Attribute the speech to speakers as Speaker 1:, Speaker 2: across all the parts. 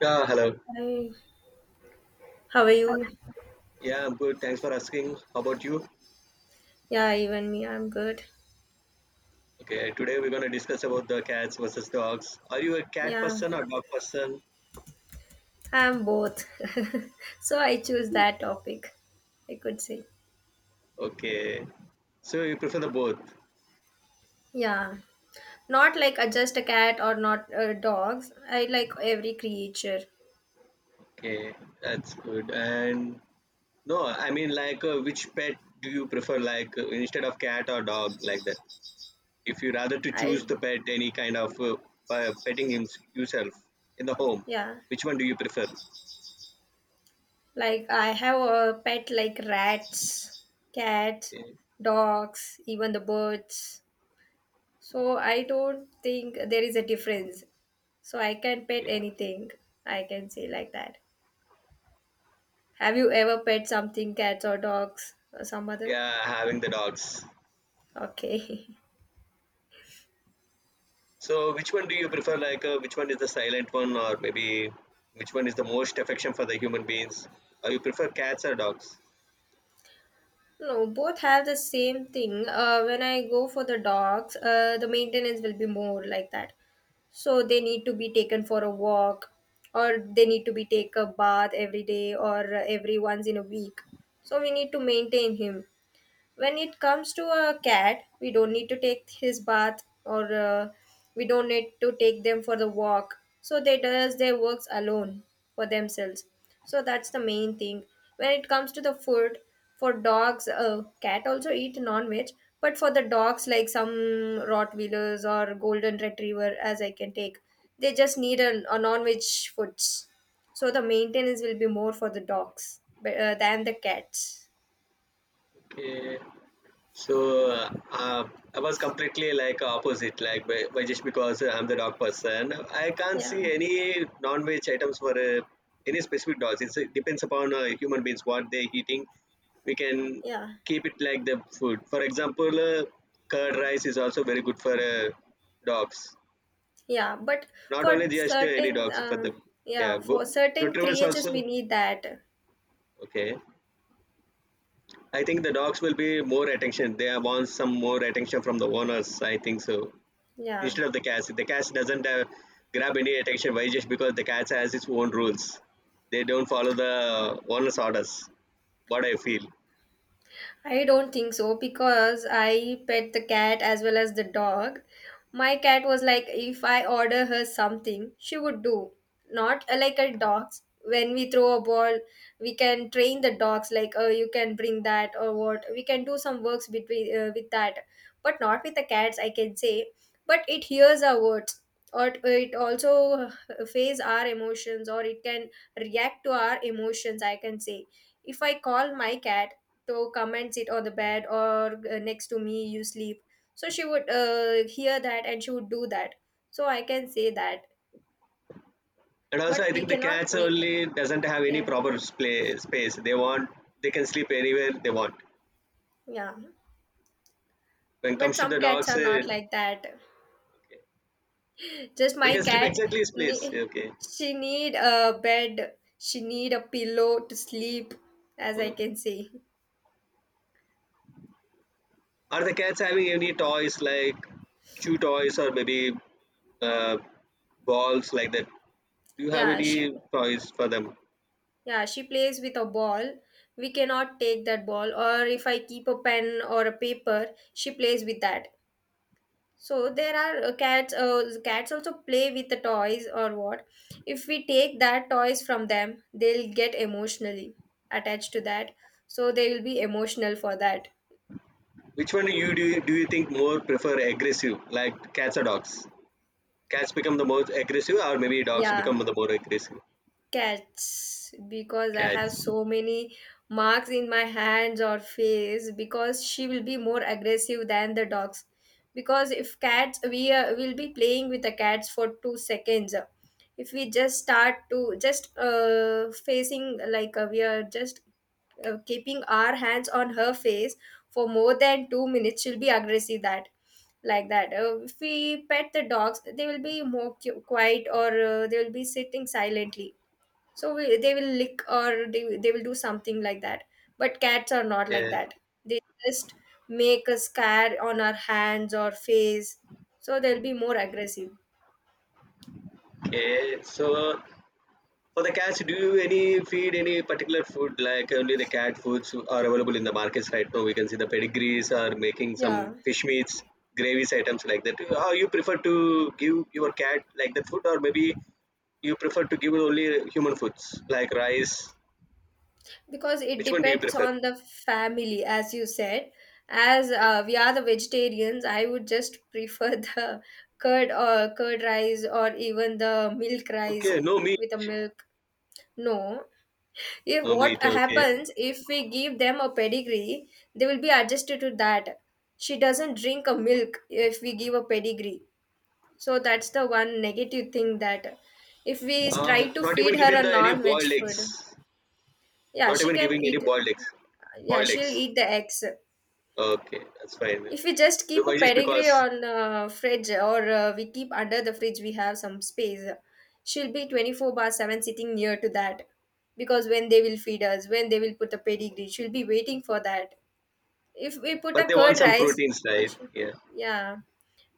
Speaker 1: Yeah, hello.
Speaker 2: Hi, how are you?
Speaker 1: Yeah, I'm good. Thanks for asking. How about you?
Speaker 2: Yeah, even me, I'm good.
Speaker 1: Okay, today we're going to discuss about the cats versus dogs. Are you a cat
Speaker 2: Yeah,
Speaker 1: person or dog person?
Speaker 2: I'm both. So I choose that topic, I could say.
Speaker 1: Okay. So you prefer the both.
Speaker 2: Yeah, not like a, just a cat or not dogs. I like every creature.
Speaker 1: Okay, that's good. And no, I mean like which pet do you prefer like instead of cat or dog like that? If you rather to
Speaker 2: I,
Speaker 1: choose the pet any kind of by petting him, yourself in the home,
Speaker 2: yeah,
Speaker 1: which one do you prefer?
Speaker 2: like I have a pet like rats, cats,
Speaker 1: Okay.
Speaker 2: dogs, even the birds. So I don't think there is a difference. So I can pet
Speaker 1: Okay.
Speaker 2: anything. I can say like that. Have you ever pet something, cats or dogs or some other?
Speaker 1: Yeah, having the dogs.
Speaker 2: Okay.
Speaker 1: So which one do you prefer? Like which one is the silent one, or maybe which one is the most affection for the human beings? You prefer cats or dogs?
Speaker 2: No, both have the same thing. When I go for the dogs, the maintenance will be more like that. So they need to be taken for a walk, or they need to be take a bath every day, or every once in a week. So we need to maintain him. When it comes to a cat, we don't need to take his bath, or we don't need to take them for the walk, so they does their works alone for themselves. So that's the main thing. When it comes to the food for dogs, cat also eat non-veg, but for the dogs, like some rottweilers or golden retriever as I can take, they just need a non-veg foods. So the maintenance will be more for the dogs, but, than the cats.
Speaker 1: Okay. So I was completely like opposite, like by just because I'm the dog person, I can't
Speaker 2: Yeah,
Speaker 1: see any non-veg items for any specific dogs. It depends upon human beings what they're eating. We can
Speaker 2: yeah.
Speaker 1: keep it like the food. For example, curd rice is also very good for dogs,
Speaker 2: Yeah, but
Speaker 1: not
Speaker 2: for
Speaker 1: only just any
Speaker 2: certain,
Speaker 1: dogs for the yeah,
Speaker 2: yeah, for certain
Speaker 1: retrievers
Speaker 2: creatures, we
Speaker 1: also.
Speaker 2: need that.
Speaker 1: Okay, I think the dogs will be more attention. They want some more attention from the owners, I think so,
Speaker 2: Yeah.
Speaker 1: instead of The cats doesn't grab any attention. Why? Just because the cats has its own rules. They don't follow the owner's orders, what I feel.
Speaker 2: I don't think so because I pet the cat as well as the dog. My cat was like, if I order her something, she would do. Not like a dog's. When we throw a ball, we can train the dogs like, oh, you can bring that or what. We can do some works between with that, but not with the cats. I can say, but it hears our words, or it also face our emotions, or it can react to our emotions. I can say, if I call my cat to come and sit on the bed, or next to me you sleep, so she would hear that, and she would do that. So I can say that.
Speaker 1: And also
Speaker 2: But
Speaker 1: I
Speaker 2: we
Speaker 1: think the
Speaker 2: cannot
Speaker 1: cats
Speaker 2: make the,
Speaker 1: only doesn't have any
Speaker 2: yeah,
Speaker 1: proper play space they want. They can sleep anywhere they want.
Speaker 2: yeah,
Speaker 1: When it
Speaker 2: but
Speaker 1: comes to
Speaker 2: some
Speaker 1: the
Speaker 2: cats
Speaker 1: dogs,
Speaker 2: are not like that.
Speaker 1: okay.
Speaker 2: Just
Speaker 1: They
Speaker 2: my
Speaker 1: can sleep
Speaker 2: cat,
Speaker 1: exactly his place.
Speaker 2: ne-
Speaker 1: Okay.
Speaker 2: she need a bed, she need a pillow to sleep, as I
Speaker 1: Uh,
Speaker 2: can say.
Speaker 1: Are the cats having any toys like chew toys or maybe uh, balls like that? Do you have
Speaker 2: yeah she
Speaker 1: any toys for them?
Speaker 2: yeah she plays with a ball. We cannot take that ball, or if I keep a pen or a paper, she plays with that. So there are cats. Cats also play with the toys or what? If we take that toys from them, they'll get emotionally attached to that. So they will be emotional for that.
Speaker 1: Which one do you think more prefer aggressive, like cats or dogs? Cats become the most aggressive, or maybe dogs
Speaker 2: Yeah.
Speaker 1: become the more aggressive.
Speaker 2: Cats, because I have
Speaker 1: Cats.
Speaker 2: so many marks in my hands or face, because she will be more aggressive than the dogs. Because if cats, we will be playing with the cats for 2 seconds. If we just start to just facing like we are just keeping our hands on her face for more than 2 minutes, she'll be aggressive that like that. If we pet the dogs, they will be more quiet, or they will be sitting silently, so they will lick, or they will do something like that. But cats are not like
Speaker 1: Yeah.
Speaker 2: that. They just make a scar on our hands or face, so they'll be more aggressive.
Speaker 1: Okay. So for the cats, do you any feed any particular food like only the cat foods are available in the markets right now? We can see the pedigrees are making some
Speaker 2: Yeah,
Speaker 1: fish meats, gravies items like that. How you prefer to give your cat like that food, or maybe you prefer to give only human foods like rice?
Speaker 2: because it
Speaker 1: Which one do you
Speaker 2: depends
Speaker 1: prefer?
Speaker 2: on the family, as you said. As
Speaker 1: Okay,
Speaker 2: we are the vegetarians, I would just prefer the curd or curd rice or even the milk rice
Speaker 1: okay, no meat,
Speaker 2: with a milk. No, if
Speaker 1: no
Speaker 2: what
Speaker 1: meat. Okay,
Speaker 2: happens if we give them a pedigree, they will be adjusted to that. She doesn't drink a milk if we give a pedigree. So that's the one negative thing, that if we try to
Speaker 1: not even
Speaker 2: feed her
Speaker 1: giving
Speaker 2: a
Speaker 1: the any
Speaker 2: non-veg
Speaker 1: boiled
Speaker 2: food,
Speaker 1: eggs.
Speaker 2: yeah,
Speaker 1: Not
Speaker 2: she
Speaker 1: even
Speaker 2: can
Speaker 1: giving any
Speaker 2: eat.
Speaker 1: boiled eggs.
Speaker 2: Yeah,
Speaker 1: Boiled
Speaker 2: she'll
Speaker 1: eggs.
Speaker 2: eat the eggs.
Speaker 1: Okay, that's fine.
Speaker 2: If we
Speaker 1: Okay,
Speaker 2: just keep a
Speaker 1: why just
Speaker 2: pedigree
Speaker 1: because?
Speaker 2: on fridge, or we keep under the fridge, we have some space. She'll be 24 bar 7 sitting near to that, because when they will feed us, when they will put the pedigree, she'll be waiting for that. If we put
Speaker 1: But
Speaker 2: a
Speaker 1: they want
Speaker 2: curd
Speaker 1: some
Speaker 2: rice,
Speaker 1: proteins,
Speaker 2: uh,
Speaker 1: right?
Speaker 2: she-
Speaker 1: Yeah.
Speaker 2: yeah.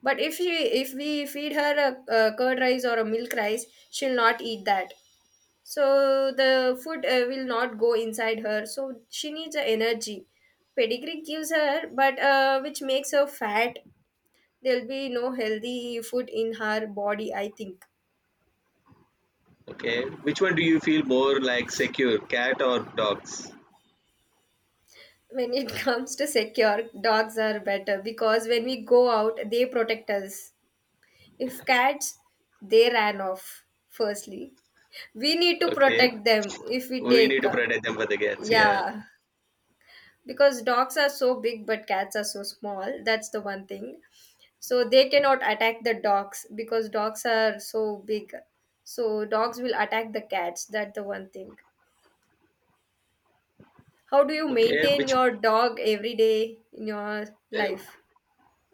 Speaker 2: But if we feed her a curd rice or a milk rice, she'll not eat that. So the food will not go inside her. So she needs a energy. Pedigree gives her, but which makes her fat. There'll be no healthy food in her body, I think.
Speaker 1: Okay. Which one do you feel more like secure, cat or dogs?
Speaker 2: When it comes to secure, dogs are better because when we go out they protect us. If cats, they ran off firstly. We need to
Speaker 1: Okay.
Speaker 2: protect them if we
Speaker 1: We need
Speaker 2: take
Speaker 1: to protect them for the cats. Yeah.
Speaker 2: yeah. Because dogs are so big, but cats are so small. That's the one thing. So they cannot attack the dogs because dogs are so big, so dogs will attack the cats. That's the one thing. How do you
Speaker 1: Okay.
Speaker 2: maintain your dog every day in your life?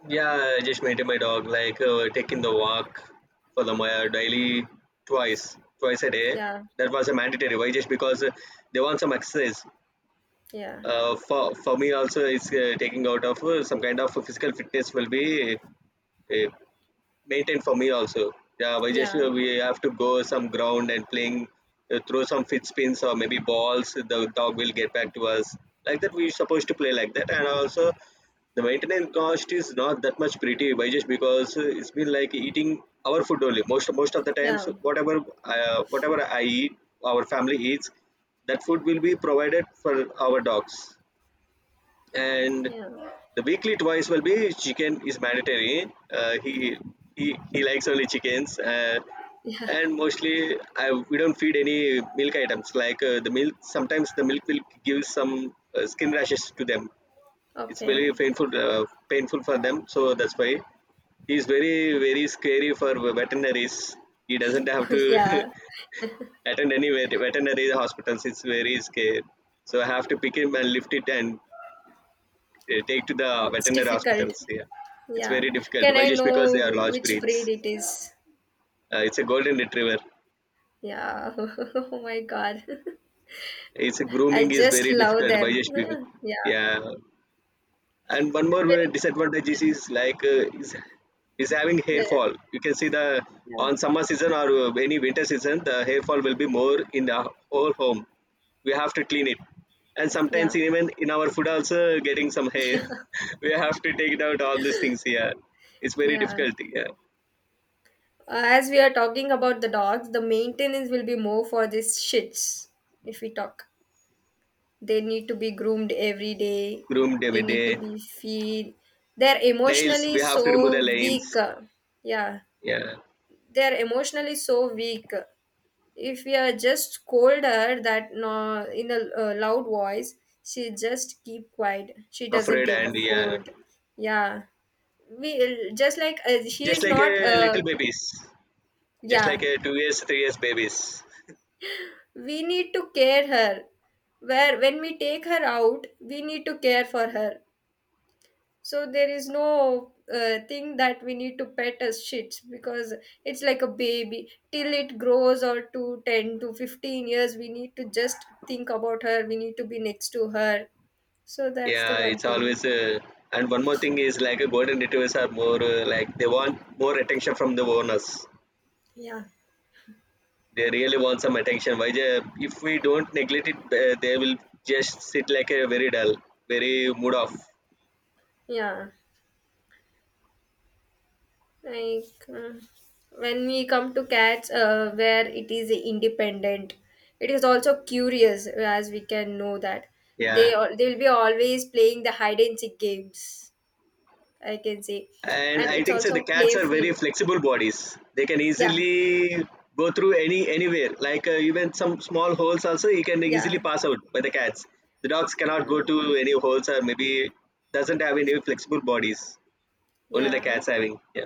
Speaker 1: Yeah, I just maintain my dog, like taking the walk for the Maya daily, twice a day.
Speaker 2: Yeah,
Speaker 1: That was a mandatory. Why? Just because they want some exercise.
Speaker 2: yeah,
Speaker 1: For me also, it's taking out of some kind of physical fitness will be uh, maintain for me also. Yeah,
Speaker 2: yeah,
Speaker 1: we have to go some ground and playing, throw some fit spins or maybe balls. The dog will get back to us like that. We're supposed to play like that, and also the maintenance cost is not that much pretty by just because it's been like eating our food only. Most of the times,
Speaker 2: yeah,
Speaker 1: whatever I eat, our family eats, that food will be provided for our dogs, and
Speaker 2: yeah,
Speaker 1: the weekly twice will be chicken is mandatory. He likes only chickens. uh,
Speaker 2: yeah.
Speaker 1: and mostly I we don't feed any milk items like the milk. Sometimes the milk will give some skin rashes to them. It's very
Speaker 2: Okay.
Speaker 1: painful for them. So that's why he's very very scary for veterinaries. He doesn't have to
Speaker 2: Yeah.
Speaker 1: attend any veterinary hospitals. It's very scary. So I have to pick him and lift
Speaker 2: Okay.
Speaker 1: it and take to the
Speaker 2: It's
Speaker 1: veterinary
Speaker 2: difficult.
Speaker 1: hospitals. Yeah, it's
Speaker 2: Yeah.
Speaker 1: very difficult.
Speaker 2: Can
Speaker 1: Why?
Speaker 2: I
Speaker 1: Just because
Speaker 2: know
Speaker 1: they are large
Speaker 2: which breed
Speaker 1: breeds.
Speaker 2: it is?
Speaker 1: It's a golden retriever.
Speaker 2: Yeah. Oh my God.
Speaker 1: It's
Speaker 2: I
Speaker 1: grooming is
Speaker 2: just
Speaker 1: very
Speaker 2: love
Speaker 1: difficult. Why?
Speaker 2: them.
Speaker 1: Just because.
Speaker 2: Yeah.
Speaker 1: Yeah, and one
Speaker 2: But
Speaker 1: more way
Speaker 2: very-
Speaker 1: disadvantage is,
Speaker 2: Yeah.
Speaker 1: is like uh, is, is having hair
Speaker 2: Yeah.
Speaker 1: fall. You can see the
Speaker 2: Yeah.
Speaker 1: on summer season or any winter season, the hair fall will be more in the whole home. We have to clean it, and sometimes
Speaker 2: Yeah.
Speaker 1: even in our food also getting some hair. We have to take it out all these things here. It's very
Speaker 2: Yeah. Yeah.
Speaker 1: difficult. Yeah.
Speaker 2: As we are talking about the dogs, the maintenance will be more for these shits. If we talk, they need to be groomed every day.
Speaker 1: Groomed
Speaker 2: They
Speaker 1: every
Speaker 2: need to
Speaker 1: day.
Speaker 2: be feed. They're
Speaker 1: Nails,
Speaker 2: emotionally
Speaker 1: we have to remove
Speaker 2: so
Speaker 1: the
Speaker 2: weak.
Speaker 1: lines.
Speaker 2: Yeah,
Speaker 1: Yeah,
Speaker 2: they're emotionally so weak. If we are just scold her that no, in a loud voice, she just keep quiet. She doesn't
Speaker 1: afraid
Speaker 2: take a
Speaker 1: and yeah,
Speaker 2: food. Yeah, we just like she
Speaker 1: just
Speaker 2: is
Speaker 1: like
Speaker 2: not
Speaker 1: a little babies, just
Speaker 2: yeah.
Speaker 1: like a 2 years, 3 years babies.
Speaker 2: We need to care her. Where when we take her out, we need to care for her. So there is no thing that we need to pet as shits, because it's like a baby till it grows, or to 10 to 15 years we need to just think about her, we need to be next to her. So that's the
Speaker 1: Yeah,
Speaker 2: one
Speaker 1: it's
Speaker 2: thing.
Speaker 1: always. And one more thing is like a golden retrievers are more like they want more attention from the owners.
Speaker 2: Yeah,
Speaker 1: They really want some attention. Why? If we don't neglect it, they will just sit like a very dull, very mood off.
Speaker 2: yeah. Like when we come to cats, where it is independent, it is also curious, as we can know that
Speaker 1: Yeah,
Speaker 2: they will be always playing the hide and seek games, I can say.
Speaker 1: and
Speaker 2: And
Speaker 1: I
Speaker 2: it's
Speaker 1: think so
Speaker 2: also
Speaker 1: the cats are
Speaker 2: playful.
Speaker 1: very flexible bodies. They can
Speaker 2: Yeah,
Speaker 1: easily go through anywhere. Like even some small holes also, you can easily
Speaker 2: yeah,
Speaker 1: pass out by the cats. The dogs cannot
Speaker 2: yeah,
Speaker 1: go to any holes or maybe doesn't have any flexible bodies. Only the
Speaker 2: yeah.
Speaker 1: cats having. Yeah.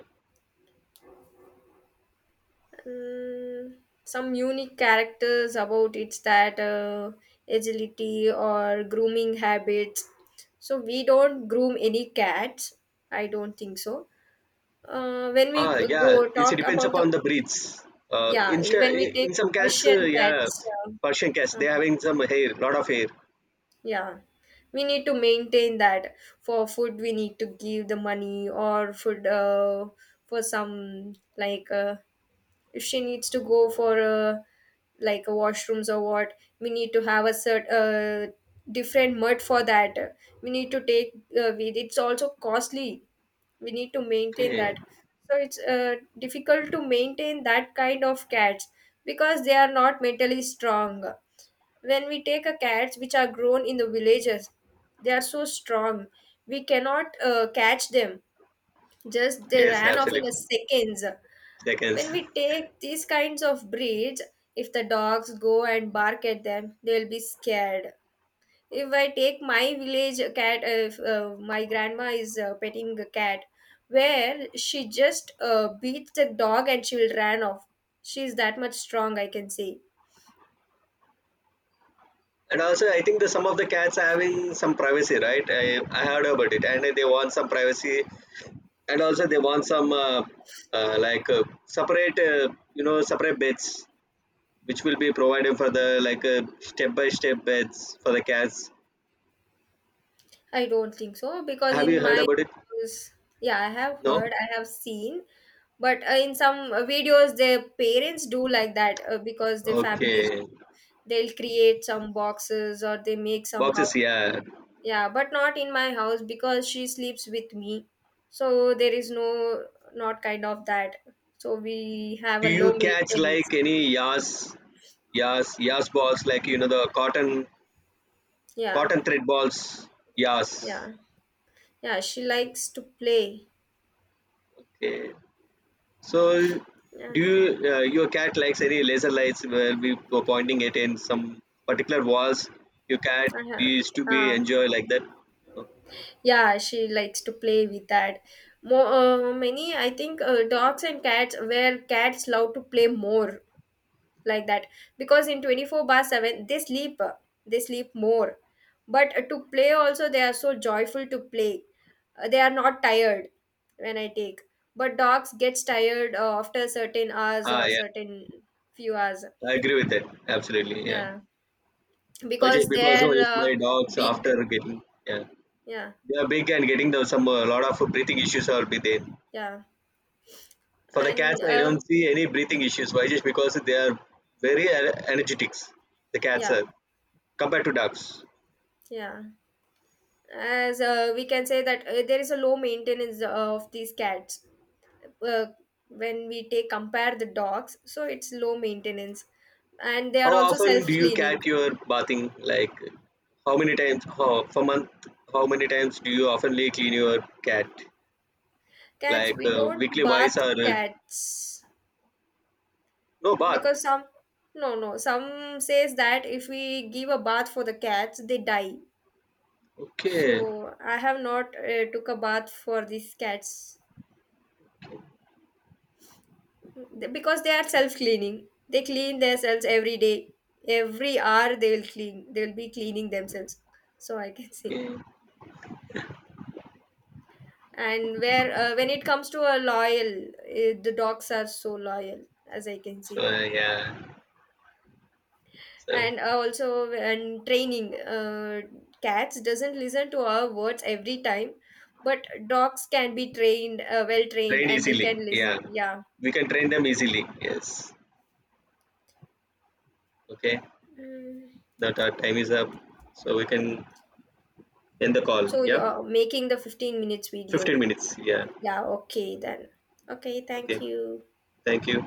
Speaker 2: Mm, some unique characters about it's that agility or grooming habits. So we don't groom any cats, I don't think so. When we
Speaker 1: Ah,
Speaker 2: go
Speaker 1: yeah. It
Speaker 2: talk
Speaker 1: depends
Speaker 2: about the,
Speaker 1: upon the breeds. Uh,
Speaker 2: yeah,
Speaker 1: in sta-
Speaker 2: when we take
Speaker 1: in some cats,
Speaker 2: Persian
Speaker 1: yeah,
Speaker 2: cats,
Speaker 1: Persian cats
Speaker 2: uh, uh,
Speaker 1: they having some hair, lot of hair.
Speaker 2: yeah, we need to maintain that. For food, we need to give the money or food for some like if she needs to go for a like a washrooms or what, we need to have a certain different mud for that, we need to take with, it's also costly. We need to maintain
Speaker 1: Okay.
Speaker 2: that. So it's difficult to maintain that kind of cats because they are not mentally strong. When we take a cats which are grown in the villages, they are so strong. We cannot catch them. Just they
Speaker 1: Yes,
Speaker 2: ran off in a
Speaker 1: absolutely.
Speaker 2: seconds.
Speaker 1: They can.
Speaker 2: When we take these kinds of breeds, if the dogs go and bark at them, they'll be scared. If I take my village cat, if my grandma is petting a cat, where she just beats the dog, and she will run off. She's that much strong, I can say.
Speaker 1: And also, I think the some of the cats are having some privacy, right? I heard about it, and they want some privacy, and also they want some like separate, separate beds, which will be provided for the like step by step beds for the cats.
Speaker 2: I don't think so because
Speaker 1: Have
Speaker 2: in
Speaker 1: you heard
Speaker 2: my
Speaker 1: about it?
Speaker 2: house, yeah, I have
Speaker 1: No.
Speaker 2: heard, I have seen, but in some videos, their parents do like that because their families,
Speaker 1: Okay.
Speaker 2: they'll create some boxes, or they make some
Speaker 1: Boxes,
Speaker 2: houses.
Speaker 1: yeah.
Speaker 2: Yeah, but not in my house because she sleeps with me. So there is no, not kind of that. So we have
Speaker 1: Do
Speaker 2: a low
Speaker 1: you cats
Speaker 2: maintenance.
Speaker 1: like any yas balls like the cotton,
Speaker 2: Yeah,
Speaker 1: cotton thread balls? Yas.
Speaker 2: yeah, yeah. She likes to play.
Speaker 1: Okay. So,
Speaker 2: Yeah,
Speaker 1: your cat likes any laser lights where we were pointing it in some particular walls? Your cat
Speaker 2: uh-huh.
Speaker 1: used to be
Speaker 2: uh,
Speaker 1: enjoy like that. Oh,
Speaker 2: yeah. She likes to play with that. More many, I think, dogs and cats, where cats love to play more like that, because in 24 bar 7 they sleep more. But to play also, they are so joyful to play. They are not tired when I take, but dogs gets tired after certain hours
Speaker 1: ah,
Speaker 2: or
Speaker 1: yeah,
Speaker 2: certain few hours.
Speaker 1: I agree with that. Absolutely, yeah.
Speaker 2: Yeah,
Speaker 1: But just
Speaker 2: because
Speaker 1: because oh,
Speaker 2: they're
Speaker 1: if my dogs
Speaker 2: big.
Speaker 1: after getting yeah,
Speaker 2: Yeah,
Speaker 1: they are big and getting some a lot of breathing issues are be there.
Speaker 2: yeah.
Speaker 1: For the cats,
Speaker 2: And
Speaker 1: I don't see any breathing issues. Why? Just because they are very energetics. The cats
Speaker 2: yeah,
Speaker 1: are compared to dogs.
Speaker 2: yeah. As we can say that there is a low maintenance of these cats uh, when we take compare the dogs, so it's low maintenance, and they are
Speaker 1: How
Speaker 2: also self
Speaker 1: often do you
Speaker 2: cleaning.
Speaker 1: cat your bathing? Like, how many times how, for month? How many times do you oftenly clean your cat?
Speaker 2: Cats
Speaker 1: Like
Speaker 2: we don't
Speaker 1: weekly wise
Speaker 2: bath
Speaker 1: or
Speaker 2: cats,
Speaker 1: no
Speaker 2: because
Speaker 1: bath?
Speaker 2: some, no, no, some says that if we give a bath for the cats they die.
Speaker 1: Okay,
Speaker 2: So I have not took a bath for these cats, because they are self cleaning. They clean themselves every day. Every hour they will clean, they will be cleaning themselves, so I can say.
Speaker 1: okay.
Speaker 2: And where when it comes to a loyal, the dogs are so loyal, as I can
Speaker 1: So
Speaker 2: see.
Speaker 1: uh, yeah, so
Speaker 2: And also, and training, cats doesn't listen to our words every time, but dogs can be trained, well trained,
Speaker 1: trained
Speaker 2: and they
Speaker 1: easily.
Speaker 2: can listen.
Speaker 1: Yeah,
Speaker 2: Yeah.
Speaker 1: we can train them easily. Yes. Okay.
Speaker 2: Mm.
Speaker 1: That our time is up, so we can end the call.
Speaker 2: So
Speaker 1: Yeah,
Speaker 2: you're making the 15 minutes
Speaker 1: fifteen
Speaker 2: video?
Speaker 1: minutes. Yeah.
Speaker 2: Yeah, okay then. Okay, thank
Speaker 1: Okay.
Speaker 2: you.
Speaker 1: Thank you.